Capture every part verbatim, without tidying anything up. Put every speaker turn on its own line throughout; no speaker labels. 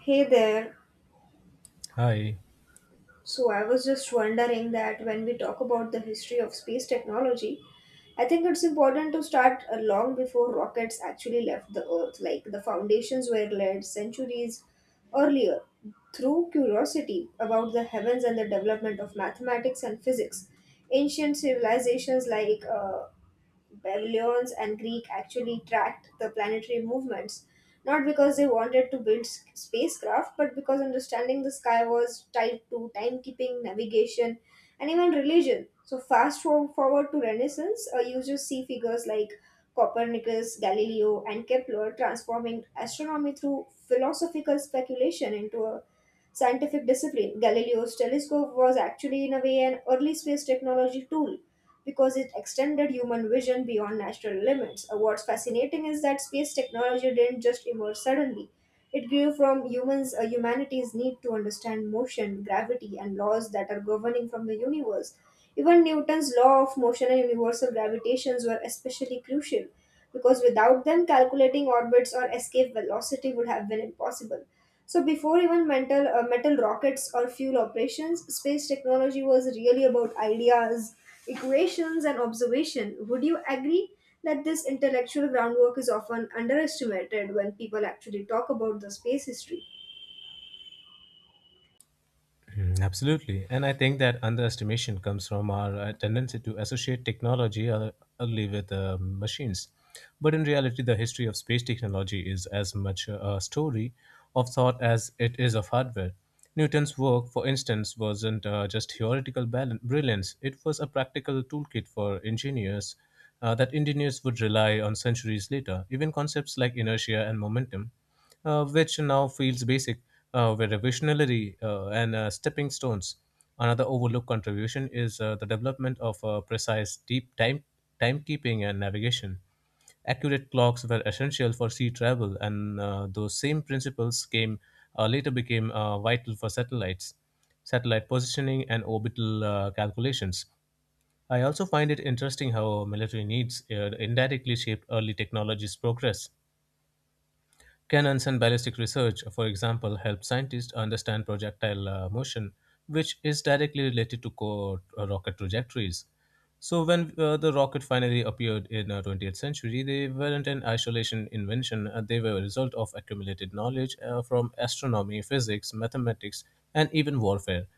Hey there.
Hi.
So I was just wondering that when we talk about the history of space technology, I think it's important to start uh, long before rockets actually left the Earth. Like the foundations were laid centuries earlier through curiosity about the heavens and the development of mathematics and physics. Ancient civilizations like uh, Babylonians and Greek actually tracked the planetary movements, not because they wanted to build s- spacecraft, but because understanding the sky was tied to timekeeping, navigation, and even religion. So fast for- forward to Renaissance, uh, you just see figures like Copernicus, Galileo, and Kepler transforming astronomy through philosophical speculation into a scientific discipline. Galileo's telescope was actually, in a way, an early space technology tool because it extended human vision beyond natural limits. Uh, What's fascinating is that space technology didn't just emerge suddenly. It grew from humans, uh, humanity's need to understand motion, gravity, and laws that are governing from the universe. Even Newton's law of motion and universal gravitations were especially crucial because without them, calculating orbits or escape velocity would have been impossible. So before even mental, uh, metal rockets or fuel operations, space technology was really about ideas, equations, and observation. Would you agree that this intellectual groundwork is often underestimated when people actually talk about the space history?
Mm, absolutely. And I think that underestimation comes from our uh, tendency to associate technology uh, only with uh, machines. But in reality, the history of space technology is as much a story of thought as it is of hardware. Newton's work, for instance, wasn't uh, just theoretical bal- brilliance. It was a practical toolkit for engineers uh, that engineers would rely on centuries later. Even concepts like inertia and momentum uh, which now feels basic, uh, with revisionary uh, and uh, stepping stones. Another overlooked contribution is uh, the development of uh, precise deep time timekeeping and navigation. Accurate clocks were essential for sea travel, and uh, those same principles came uh, later became uh, vital for satellites, satellite positioning, and orbital uh, calculations. I also find it interesting how military needs uh, indirectly shaped early technology's progress. Cannons and ballistic research, for example, help scientists understand projectile uh, motion, which is directly related to co- uh, rocket trajectories. So, when uh, the rocket finally appeared in the twentieth century, they weren't an isolation invention. uh, they were a result of accumulated knowledge uh, from astronomy, physics, mathematics, and even warfare.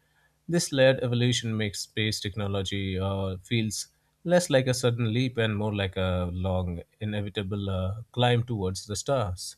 This layered evolution makes space technology uh, feels less like a sudden leap and more like a long, inevitable uh, climb towards the stars.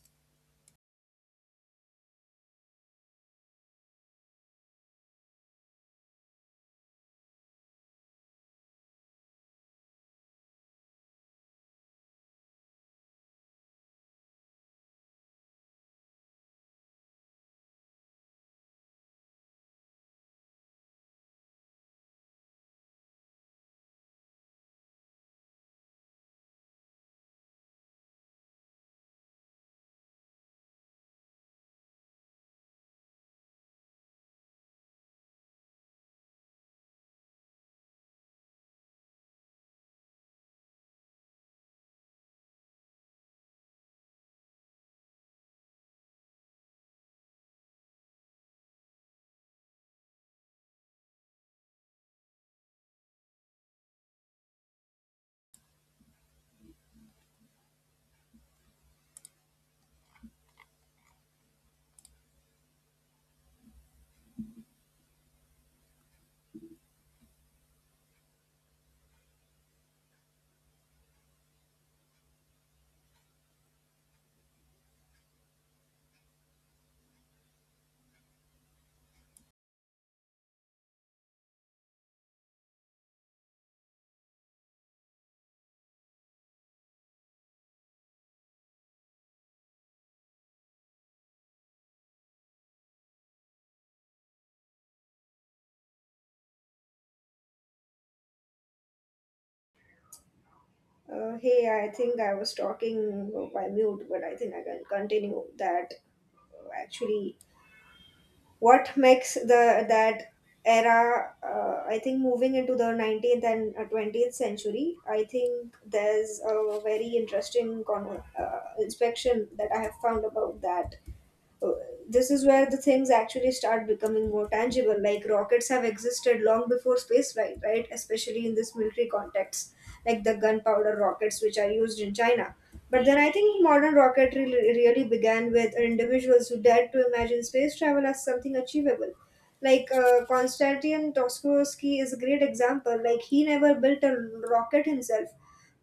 Uh, hey, I think I was talking by mute, but I think I can continue that uh, actually what makes the that era, uh, I think moving into the nineteenth and uh, twentieth century. I think there's a very interesting con- uh, inspection that I have found about that. uh, This is where the things actually start becoming more tangible. Like rockets have existed long before space flight, right? Especially in this military context, like the gunpowder rockets which are used in China. But then I think modern rocketry re- really began with individuals who dared to imagine space travel as something achievable. Like uh, Konstantin Tokarsky is a great example. Like he never built a rocket himself,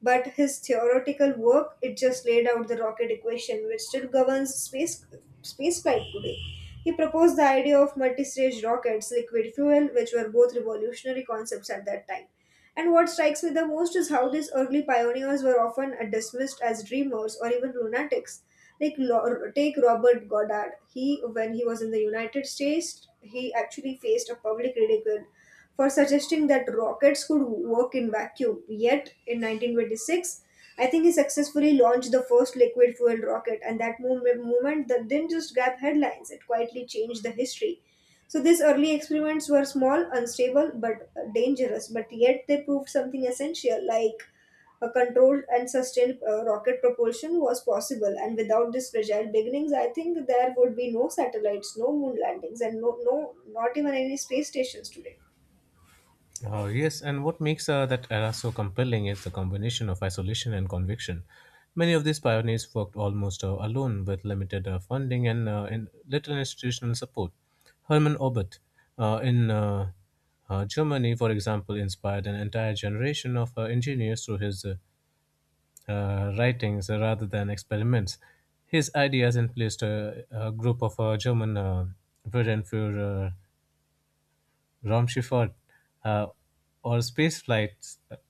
but his theoretical work, it just laid out the rocket equation which still governs space space flight today. He proposed the idea of multi-stage rockets, liquid fuel, which were both revolutionary concepts at that time. And what strikes me the most is how these early pioneers were often uh, dismissed as dreamers or even lunatics, like Lo- take Robert Goddard. He, when he was in the United States, he actually faced a public ridicule for suggesting that rockets could work in vacuum. Yet, in nineteen twenty-six, I think he successfully launched the first liquid fuel rocket, and that mov- movement, that didn't just grab headlines, it quietly changed the history. So, these early experiments were small, unstable, but uh, dangerous, but yet they proved something essential, like a controlled and sustained uh, rocket propulsion was possible. And without these fragile beginnings, I think there would be no satellites, no moon landings, and no, no, not even any space stations today.
Uh, yes, and what makes uh, that era so compelling is the combination of isolation and conviction. Many of these pioneers worked almost uh, alone, with limited uh, funding and, uh, in little institutional support. Hermann Oberth uh, in uh, uh, Germany, for example, inspired an entire generation of uh, engineers through his uh, uh, writings uh, rather than experiments. His ideas influenced a, a group of uh, German uh, Wellenführer Romshifford, uh, or Space Flight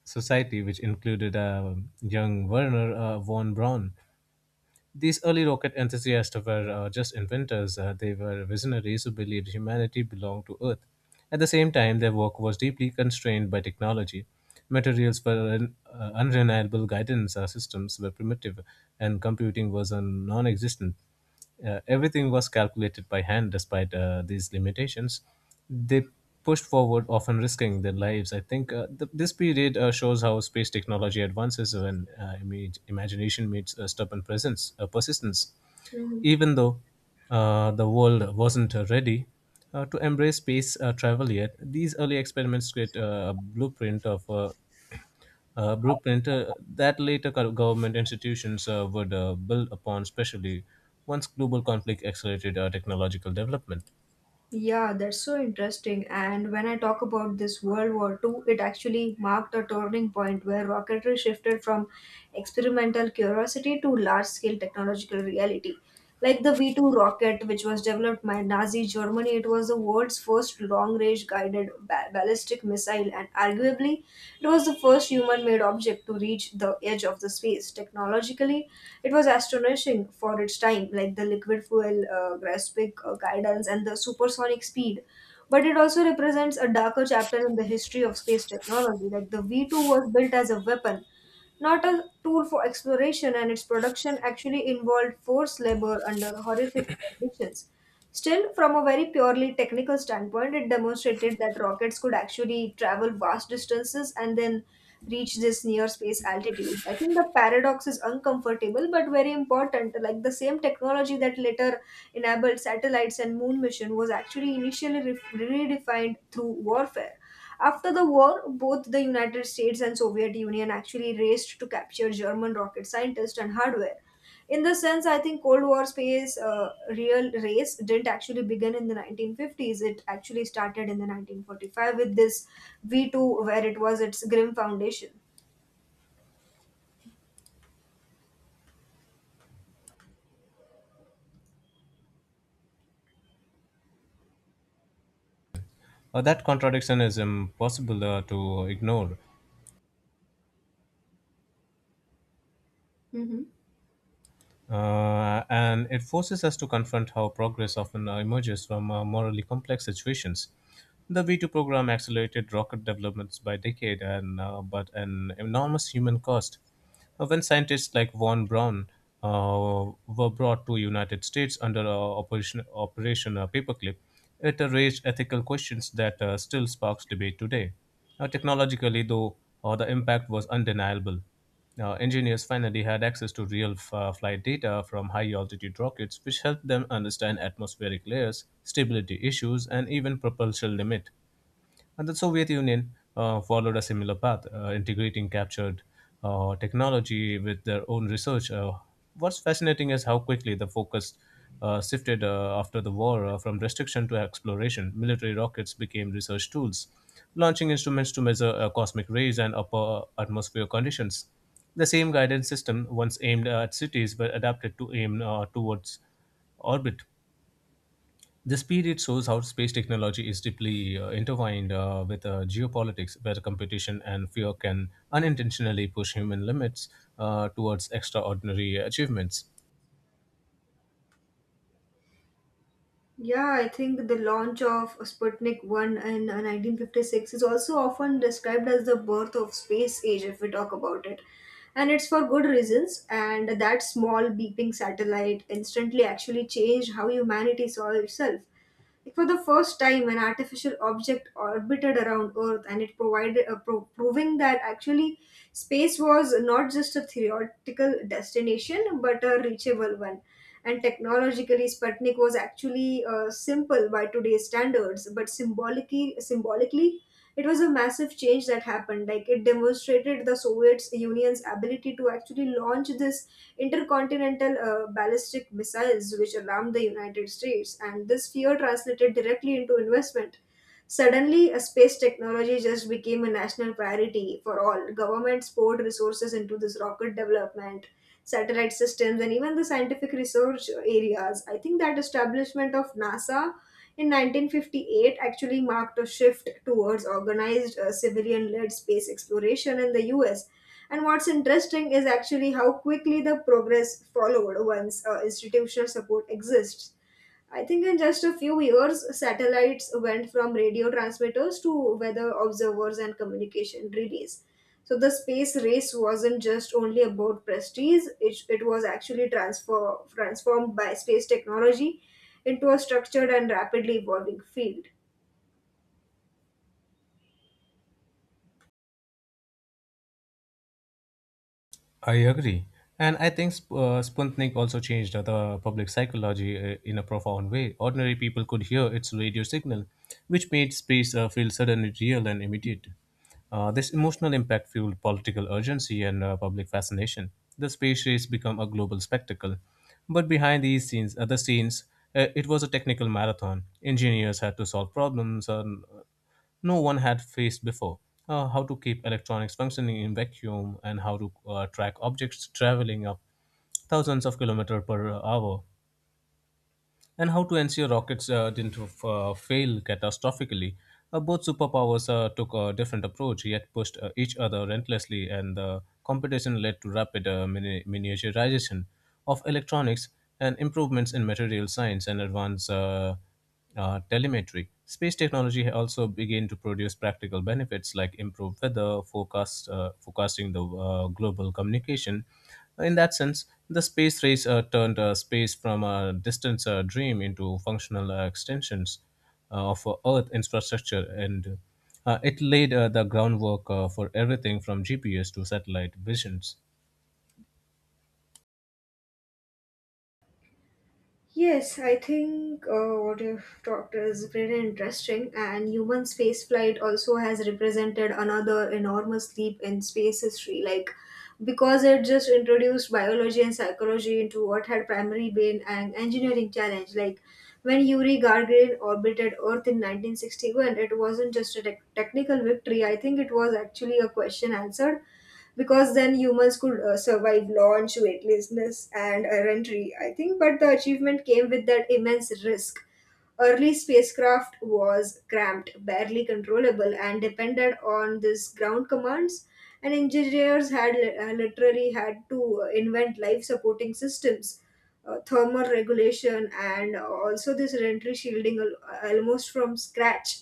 Society, which included uh, young Werner uh, von Braun. These early rocket enthusiasts were uh, just inventors, uh, they were visionaries who believed humanity belonged to Earth. At the same time, their work was deeply constrained by technology. Materials were un- uh, unreliable, guidance uh, systems were primitive, and computing was uh, non existent. Uh, everything was calculated by hand despite uh, these limitations. They pushed forward, often risking their lives. I think uh, th- this period uh, shows how space technology advances when uh, imag- imagination meets uh, stubborn presence, uh, persistence.
Mhm.
Even though uh, the world wasn't uh, ready uh, to embrace space uh, travel yet, these early experiments create uh, a blueprint of. Uh, uh, blueprint uh, that later co- government institutions uh, would uh, build upon, especially once global conflict accelerated uh, technological development.
Yeah, that's so interesting. And when I talk about this World War Two, it actually marked a turning point where rocketry shifted from experimental curiosity to large scale technological reality. Like the V two rocket, which was developed by Nazi Germany, it was the world's first long range guided ba- ballistic missile, and arguably, it was the first human made object to reach the edge of the space. Technologically, it was astonishing for its time, like the liquid fuel uh, graphic uh, guidance and the supersonic speed. But it also represents a darker chapter in the history of space technology. Like the V two was built as a weapon, not a tool for exploration, and its production actually involved forced labor under horrific conditions. Still, from a very purely technical standpoint, it demonstrated that rockets could actually travel vast distances and then reach this near space altitudes. I think the paradox is uncomfortable but very important. Like the same technology that later enabled satellites and moon mission was actually initially re- redefined through warfare. After the war, both the United States and Soviet Union actually raced to capture German rocket scientists and hardware. In this sense, I think Cold War space uh, real race didn't actually begin in the nineteen fifties. It actually started in the nineteen forty-five with this V two, where it was its grim foundation.
Uh, that contradiction is impossible uh, to ignore.
Hmm.
Uh, and it forces us to confront how progress often uh, emerges from uh, morally complex situations. The V two program accelerated rocket developments by decade, and uh, but an enormous human cost. Uh, When scientists like von Braun uh, were brought to United States under uh, Operation Operation uh, Paperclip, it uh, raised ethical questions that uh, still sparks debate today. Uh, technologically, though, uh, the impact was undeniable. Uh, engineers finally had access to real f- uh, flight data from high altitude rockets, which helped them understand atmospheric layers, stability issues, and even propulsion limit. And the Soviet Union uh, followed a similar path, uh, integrating captured uh, technology with their own research. Uh, what's fascinating is how quickly the focus uh, shifted uh, after the war uh, from restriction to exploration. Military rockets became research tools, launching instruments to measure uh, cosmic rays and upper atmosphere conditions. The same guidance system, once aimed at cities, were adapted to aim uh, towards orbit. The speed it shows how space technology is deeply uh, intertwined uh, with uh, geopolitics, where competition and fear can unintentionally push human limits uh, towards extraordinary achievements.
Yeah, I think the launch of Sputnik one in uh, nineteen fifty-six is also often described as the birth of space age if we talk about it. And it's for good reasons, and that small beeping satellite instantly actually changed how humanity saw itself. Like, for the first time, an artificial object orbited around Earth, and it provided, uh, pro- proving that actually space was not just a theoretical destination but a reachable one. And technologically, Sputnik was actually uh, simple by today's standards, but symbolically, symbolically, it was a massive change that happened. Like it demonstrated the Soviet Union's ability to actually launch this intercontinental uh, ballistic missiles, which alarmed the United States, and this fear translated directly into investment. Suddenly, a space technology just became a national priority for all. Governments poured resources into this rocket development, satellite systems, and even the scientific research areas. I think that establishment of NASA in nineteen fifty-eight actually marked a shift towards organized uh, civilian led space exploration in the U S. And what's interesting is actually how quickly the progress followed once uh, institutional support exists. I think in just a few years, satellites went from radio transmitters to weather observers and communication relays. So the space race wasn't just only about prestige, it, it was actually transfer, transformed by space technology into a structured and rapidly evolving field.
I agree. And I think sp- uh, Sputnik also changed uh, the public psychology uh, in a profound way. Ordinary people could hear its radio signal, which made space uh, feel suddenly real and immediate. Uh, this emotional impact fueled political urgency and uh, public fascination. The space race became a global spectacle. But behind these scenes, other scenes, uh, it was a technical marathon. Engineers had to solve problems, and no one had faced before. Uh, how to keep electronics functioning in vacuum, and how to uh, track objects traveling up thousands of kilometers per hour, and how to ensure rockets uh, didn't uh, fail catastrophically. Uh, both superpowers uh, took a different approach, yet pushed uh, each other relentlessly, and the competition led to rapid uh, mini- miniaturization of electronics, and improvements in material science and advanced uh, uh, telemetry. Space technology also began to produce practical benefits like improved weather forecast, uh, forecasting, the uh, global communication. In that sense, the space race uh, turned uh, space from a distant uh, dream into functional uh, extensions uh, of uh, Earth infrastructure, and uh, it laid uh, the groundwork uh, for everything from G P S to satellite visions.
Yes, I think uh, what you've talked is very interesting, and human spaceflight also has represented another enormous leap in space history. Like, because it just introduced biology and psychology into what had primarily been an engineering challenge. Like, when Yuri Gagarin orbited Earth in nineteen sixty-one, it wasn't just a tec- technical victory. I think it was actually a question answered because then humans could uh, survive launch, weightlessness, and errantry, I think. But the achievement came with that immense risk. Early spacecraft was cramped, barely controllable, and depended on these ground commands. And engineers had li- uh, literally had to uh, invent life supporting systems, uh, thermal regulation, and also this entry shielding al- uh, almost from scratch.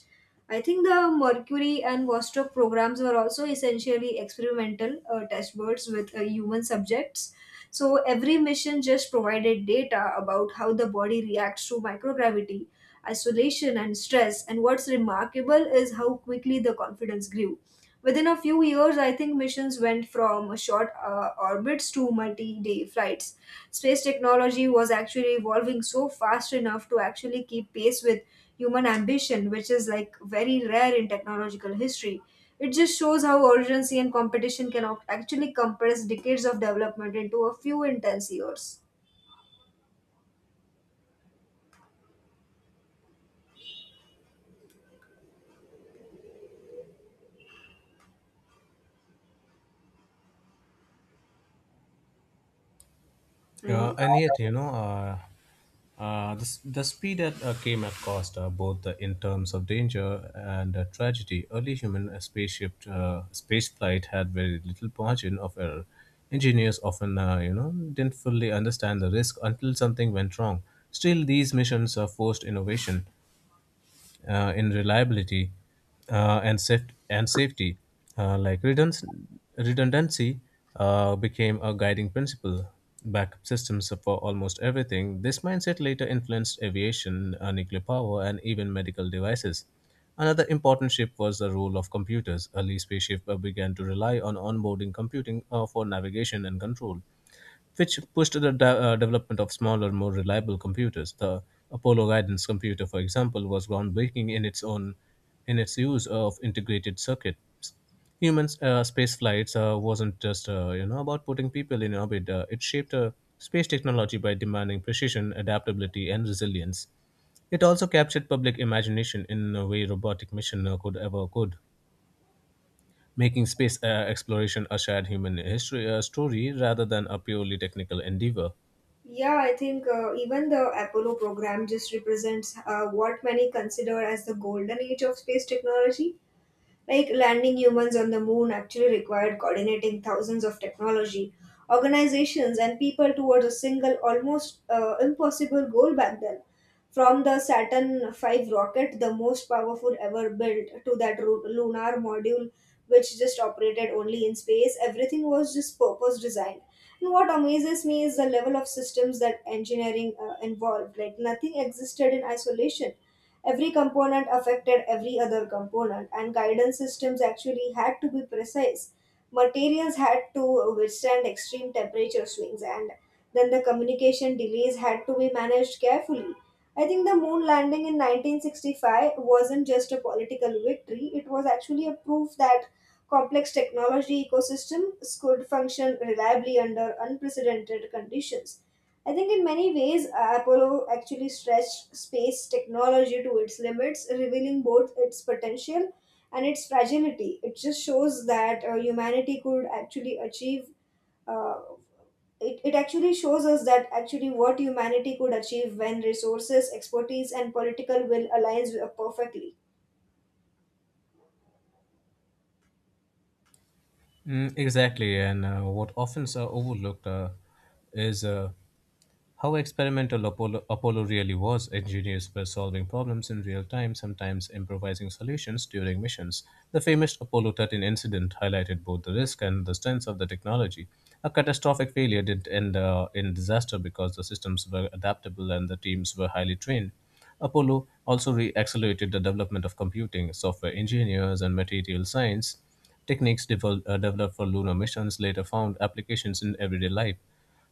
I think the Mercury and Vostok programs were also essentially experimental uh, test birds with uh, human subjects. So every mission just provided data about how the body reacts to microgravity, isolation, and stress. And what's remarkable is how quickly the confidence grew. Within a few years, I think missions went from short uh, orbits to multi day flights. Space technology was actually evolving so fast enough to actually keep pace with human ambition, which is like very rare in technological history. It just shows how urgency and competition can ac- actually compress decades of development into a few intense years.
Uh,
Hello.
and yet, you know, uh, uh, the, s- the speed at uh, came at cost, uh, both uh, in terms of danger and uh, tragedy. Early human uh, spaceship uh, space flight had very little margin of error. Engineers often, uh, you know, didn't fully understand the risk until something went wrong. Still, these missions uh, forced innovation uh, in reliability uh, and saf- and safety. Uh, like redundancy, redundancy uh, became a guiding principle. Backup systems for almost everything. This mindset later influenced aviation, uh, nuclear power, and even medical devices. Another important shift was the role of computers. Early spaceship uh, began to rely on onboarding computing uh, for navigation and control, which pushed the de- uh, development of smaller, more reliable computers. The Apollo guidance computer, for example, was groundbreaking in its own in its use of integrated circuits. Humans uh, space flights uh, wasn't just uh, you know about putting people in orbit. Uh, it shaped uh, space technology by demanding precision, adaptability, and resilience. It also captured public imagination in a way robotic mission uh, could ever could, making space uh, exploration a shared human history uh, story rather than a purely technical endeavor.
Yeah, I think uh, even the Apollo program just represents uh, what many consider as the golden age of space technology. Like landing humans on the moon actually required coordinating thousands of technology, organizations, and people towards a single, almost uh, impossible goal back then. From the Saturn V rocket, the most powerful ever built, to that ru- lunar module, which just operated only in space, everything was just purpose designed. And what amazes me is the level of systems that engineering uh, involved. Like nothing existed in isolation. Every component affected every other component, and guidance systems actually had to be precise. Materials had to withstand extreme temperature swings, and then the communication delays had to be managed carefully. I think the moon landing in nineteen sixty-five wasn't just a political victory, it was actually a proof that complex technology ecosystems could function reliably under unprecedented conditions. I think in many ways, Apollo actually stretched space technology to its limits, revealing both its potential and its fragility. It just shows that uh, humanity could actually achieve. Uh, it, it actually shows us that actually what humanity could achieve when resources, expertise, and political will aligns uh, perfectly.
Mm, exactly, and uh, what often is uh, overlooked uh, is uh, how experimental Apollo, Apollo really was. Engineers were solving problems in real time, sometimes improvising solutions during missions. The famous Apollo thirteen incident highlighted both the risk and the strengths of the technology. A catastrophic failure didn't end uh, in disaster because the systems were adaptable and the teams were highly trained. Apollo also re accelerated the development of computing, software engineers, and material science. Techniques devol- uh, developed for lunar missions later found applications in everyday life.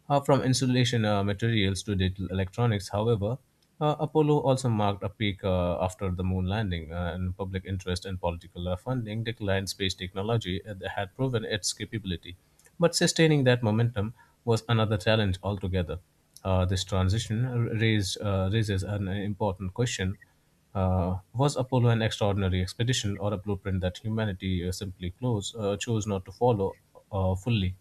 Uh, from insulation uh, materials to digital electronics. However, uh, Apollo also marked a peak uh, after the moon landing, uh, and public interest and political uh, funding declined. Space technology uh, that had proven its capability. But sustaining that momentum was another challenge altogether. Uh, this transition raised, uh, raises an important question. Uh, was Apollo an extraordinary expedition or a blueprint that humanity uh, simply close, uh, chose not to follow uh, fully?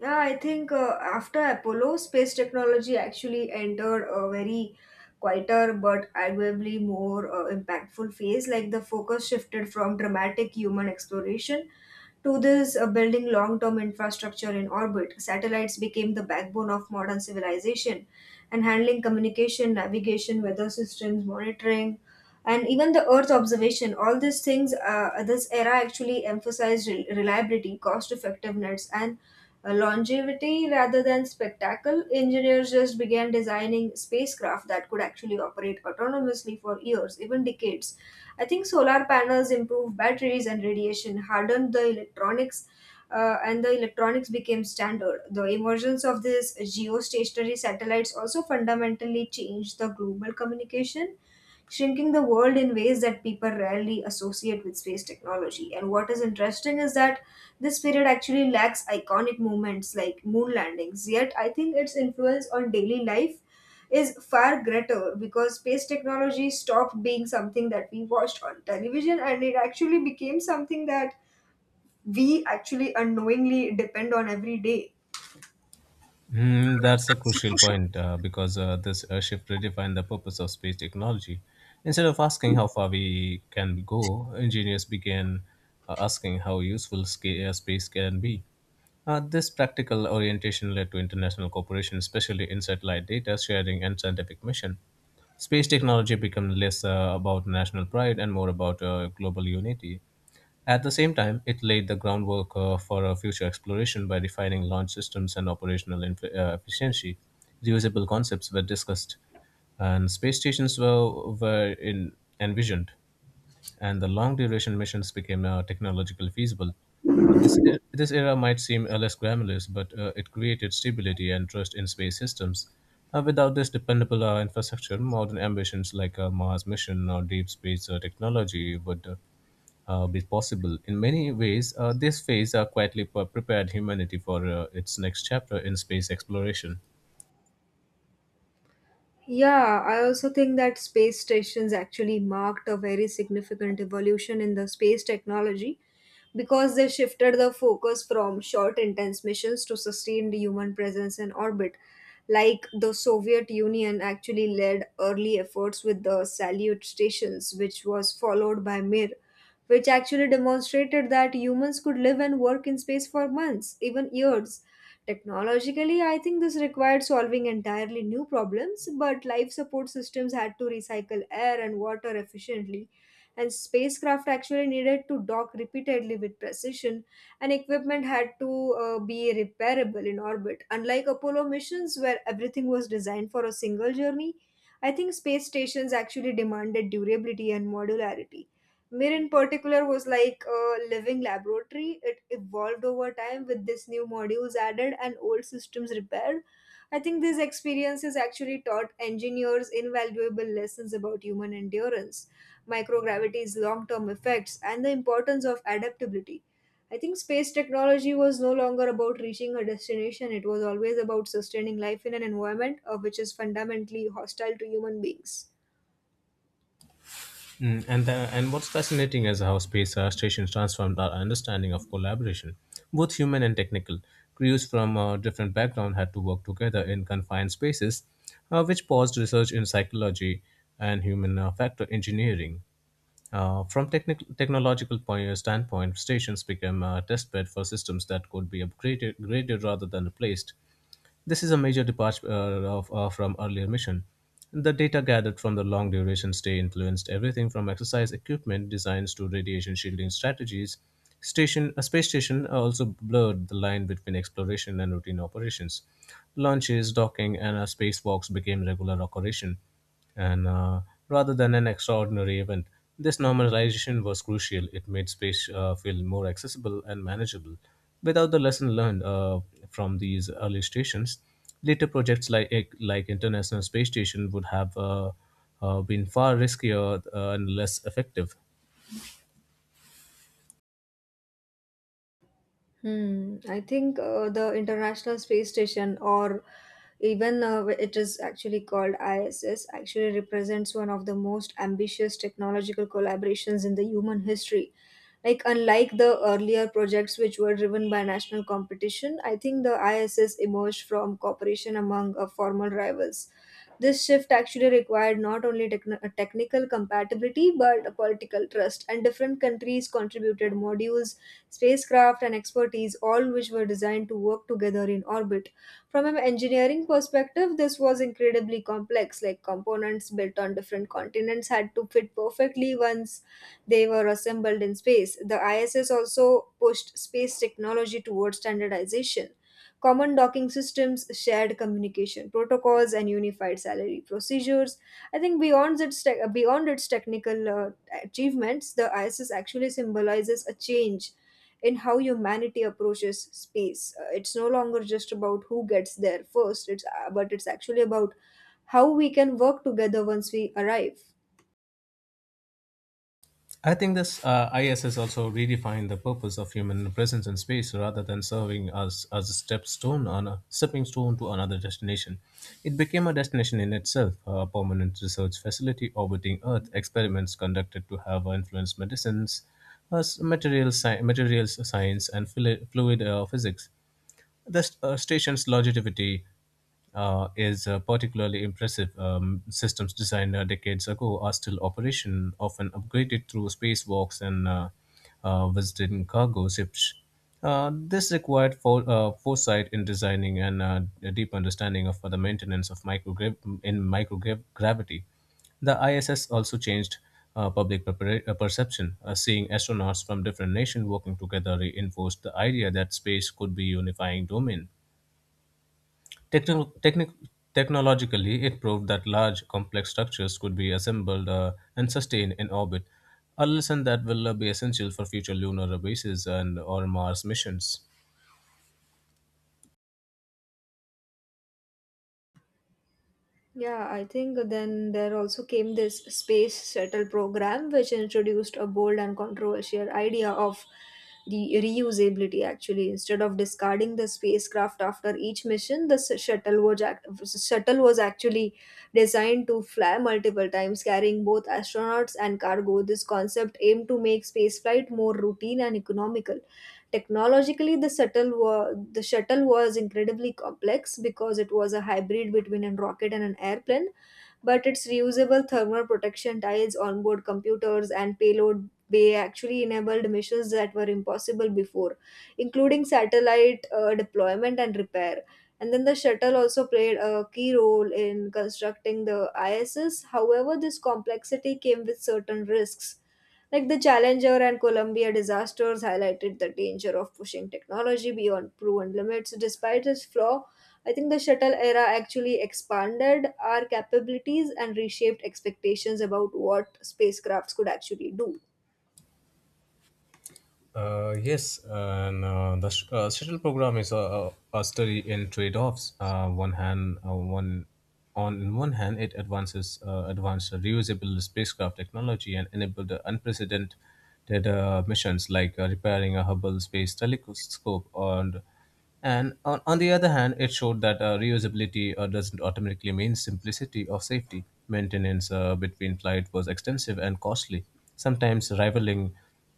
Yeah, I think uh, after Apollo, space technology actually entered a very quieter but arguably more uh, impactful phase. Like the focus shifted from dramatic human exploration to this uh, building long term infrastructure in orbit. Satellites became the backbone of modern civilization and handling communication, navigation, weather systems, monitoring. And even the Earth observation, all these things, uh, this era actually emphasized rel- reliability, cost effectiveness, and uh, longevity rather than spectacle. Engineers just began designing spacecraft that could actually operate autonomously for years, even decades. I think solar panels improved batteries and radiation hardened the electronics. Uh, and the electronics became standard. The emergence of these geostationary satellites also fundamentally changed the global communication, shrinking the world in ways that people rarely associate with space technology. And what is interesting is that this period actually lacks iconic moments like moon landings, yet, I think its influence on daily life is far greater because space technology stopped being something that we watched on television and it actually became something that we actually unknowingly depend on every day.
Hmm, that's a crucial point uh, because uh, this uh, shift redefined the purpose of space technology. Instead of asking how far we can go, engineers began uh, asking how useful sca- uh, space can be. Uh, this practical orientation led to international cooperation, especially in satellite data sharing and scientific mission. Space technology becomes less uh, about national pride and more about uh, global unity. At the same time, it laid the groundwork uh, for a future exploration by refining launch systems and operational inf- uh, efficiency. Reusable concepts were discussed, and space stations were, were in, envisioned, and the long duration missions became uh, technologically feasible. Uh, this, e- this era might seem uh, less glamorous, but uh, it created stability and trust in space systems. Uh, without this dependable uh, infrastructure, modern ambitions like a Mars mission or deep space uh, technology would uh, uh, be possible. In many ways, uh, this phase uh, quietly pre- prepared humanity for uh, its next chapter in space exploration.
Yeah, I also think that space stations actually marked a very significant evolution in the space technology because they shifted the focus from short, intense missions to sustained human presence in orbit. Like the Soviet Union actually led early efforts with the Salyut stations, which was followed by Mir, which actually demonstrated that humans could live and work in space for months, even years. Technologically, I think this required solving entirely new problems, but life support systems had to recycle air and water efficiently, and spacecraft actually needed to dock repeatedly with precision, and equipment had to uh, be repairable in orbit. Unlike Apollo missions, where everything was designed for a single journey, I think space stations actually demanded durability and modularity. Mir in particular was like a living laboratory. It evolved over time with this new modules added and old systems repaired. I think these experiences actually taught engineers invaluable lessons about human endurance, microgravity's long term effects, and the importance of adaptability. I think space technology was no longer about reaching a destination, it was always about sustaining life in an environment uh, which is fundamentally hostile to human beings.
Mm, and the, and what's fascinating is how space uh, stations transformed our understanding of collaboration, both human and technical. Crews from uh, different backgrounds had to work together in confined spaces, uh, which paused research in psychology and human uh, factor engineering. Uh, from technic- technological point, uh, standpoint, stations became a testbed for systems that could be upgraded graded rather than replaced. This is a major departure uh, of, uh, from earlier mission. The data gathered from the long duration stay influenced everything from exercise equipment designs to radiation shielding strategies. Station, a space station uh, also blurred the line between exploration and routine operations. Launches, docking, and uh, spacewalks became regular occurrence, and uh, rather than an extraordinary event. This normalization was crucial. It made space uh, feel more accessible and manageable. Without the lesson learned uh, from these early stations, later projects like eh, like International Space Station would have uh, uh, been far riskier uh, and less effective.
Hmm. I think uh, the International Space Station, or even uh, it is actually called I S S, actually represents one of the most ambitious technological collaborations in the human history. Like, unlike the earlier projects which were driven by national competition, I think the I S S emerged from cooperation among uh, formal rivals. This shift actually required not only techn- uh, technical compatibility but a political trust, and different countries contributed modules, spacecraft, and expertise, all which were designed to work together in orbit. From an engineering perspective, this was incredibly complex, like components built on different continents had to fit perfectly once they were assembled in space. The I S S also pushed space technology towards standardization, common docking systems, shared communication protocols, and unified salary procedures. I think beyond its tech beyond its technical uh, achievements, the I S S actually symbolizes a change in how humanity approaches space. Uh, it's no longer just about who gets there first. It's uh, but it's actually about how we can work together once we arrive.
I think this uh, I S S also redefined the purpose of human presence in space, rather than serving as, as a step on a stepping stone to another destination. It became a destination in itself, a permanent research facility orbiting Earth. Experiments conducted to have influenced medicines, as material, sci- materials science, and fluid, fluid uh, physics. The st- uh, station's longevity uh, is uh, particularly impressive. Um, systems designed uh, decades ago are still operation, often upgraded through spacewalks and uh, uh, visiting cargo ships. Uh, this required for, uh, foresight in designing, and uh, a deep understanding of uh, the maintenance of microgra- in microgravity. The I S S also changed uh, public prepara- uh, perception. Uh, seeing astronauts from different nations working together reinforced the idea that space could be a unifying domain. Techno- technic- Technologically, it proved that large, complex structures could be assembled uh, and sustained in orbit, a lesson that will uh, be essential for future lunar bases and or Mars missions.
Yeah, I think then there also came this space shuttle program, which introduced a bold and controversial idea of the reusability. Actually, instead of discarding the spacecraft after each mission, the s- shuttle was act- shuttle was actually designed to fly multiple times, carrying both astronauts and cargo. This concept aimed to make spaceflight more routine and economical. Technologically, the shuttle wa- the shuttle was incredibly complex because it was a hybrid between a rocket and an airplane, but its reusable thermal protection tiles, onboard computers, and payload bay actually enabled missions that were impossible before, including satellite uh, deployment and repair. And then the shuttle also played a key role in constructing the I S S. However, this complexity came with certain risks. Like the Challenger and Columbia disasters highlighted the danger of pushing technology beyond proven limits. Despite its flaw, I think the shuttle era actually expanded our capabilities and reshaped expectations about what spacecrafts could actually do.
Uh, yes, and uh, the sh- uh, shuttle program is a, a, a study in trade-offs. Uh, one hand, uh, one on in one hand, it advances uh, advanced reusable spacecraft technology and enabled unprecedented uh, missions, like uh, repairing a Hubble Space Telescope, and and on, on the other hand, it showed that uh, reusability uh, doesn't automatically mean simplicity or safety. Maintenance uh, between flight was extensive and costly, sometimes rivaling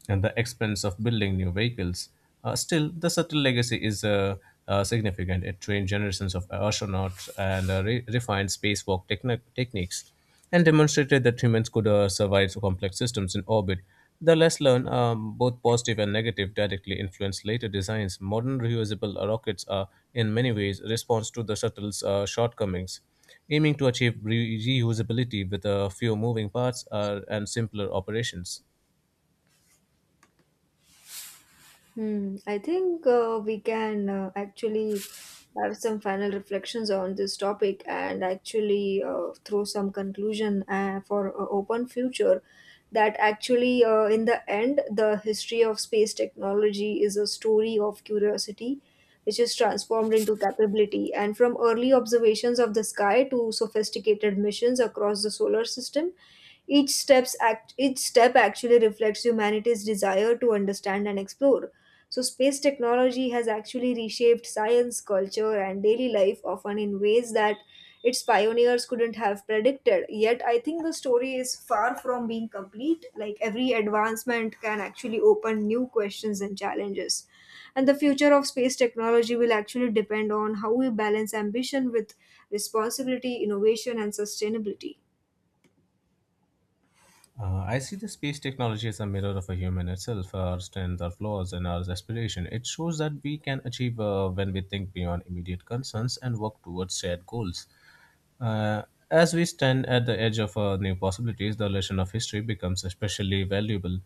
and the expense of building new vehicles. Uh, still, the subtle legacy is uh, uh, significant. It trained generations of astronauts and uh, re- refined spacewalk techni- techniques, and demonstrated that humans could uh, survive complex systems in orbit. The less learned, um, both positive and negative, directly influenced later designs. Modern reusable rockets are, in many ways, response to the shuttle's uh, shortcomings, aiming to achieve re- reusability with uh, fewer moving parts uh, and simpler operations.
Hmm. I think uh, we can uh, actually have some final reflections on this topic and actually uh, throw some conclusion uh, for uh, open future that actually uh, in the end the history of space technology is a story of curiosity which is transformed into capability and from early observations of the sky to sophisticated missions across the solar system each steps act each step actually reflects humanity's desire to understand and explore. So space technology has actually reshaped science, culture, and daily life often in ways that its pioneers couldn't have predicted. Yet I think the story is far from being complete. Like every advancement can actually open new questions and challenges. And the future of space technology will actually depend on how we balance ambition with responsibility, innovation, and sustainability.
Uh, I see the space technology as a mirror of a human itself, our strength, our flaws, and our aspiration. It shows that we can achieve uh, when we think beyond immediate concerns and work towards shared goals. Uh, as we stand at the edge of uh, new possibilities, the lesson of history becomes especially valuable.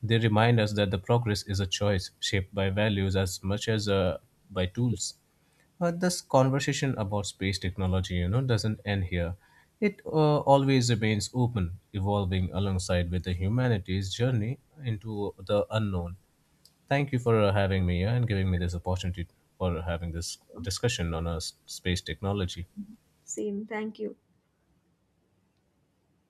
They remind us that the progress is a choice shaped by values as much as uh, by tools. Uh, this conversation about space technology, you know, doesn't end here. It uh, always remains open, evolving alongside with the humanity's journey into the unknown. Thank you for uh, having me here and giving me this opportunity for having this discussion on uh, s- space technology.
Same, thank you.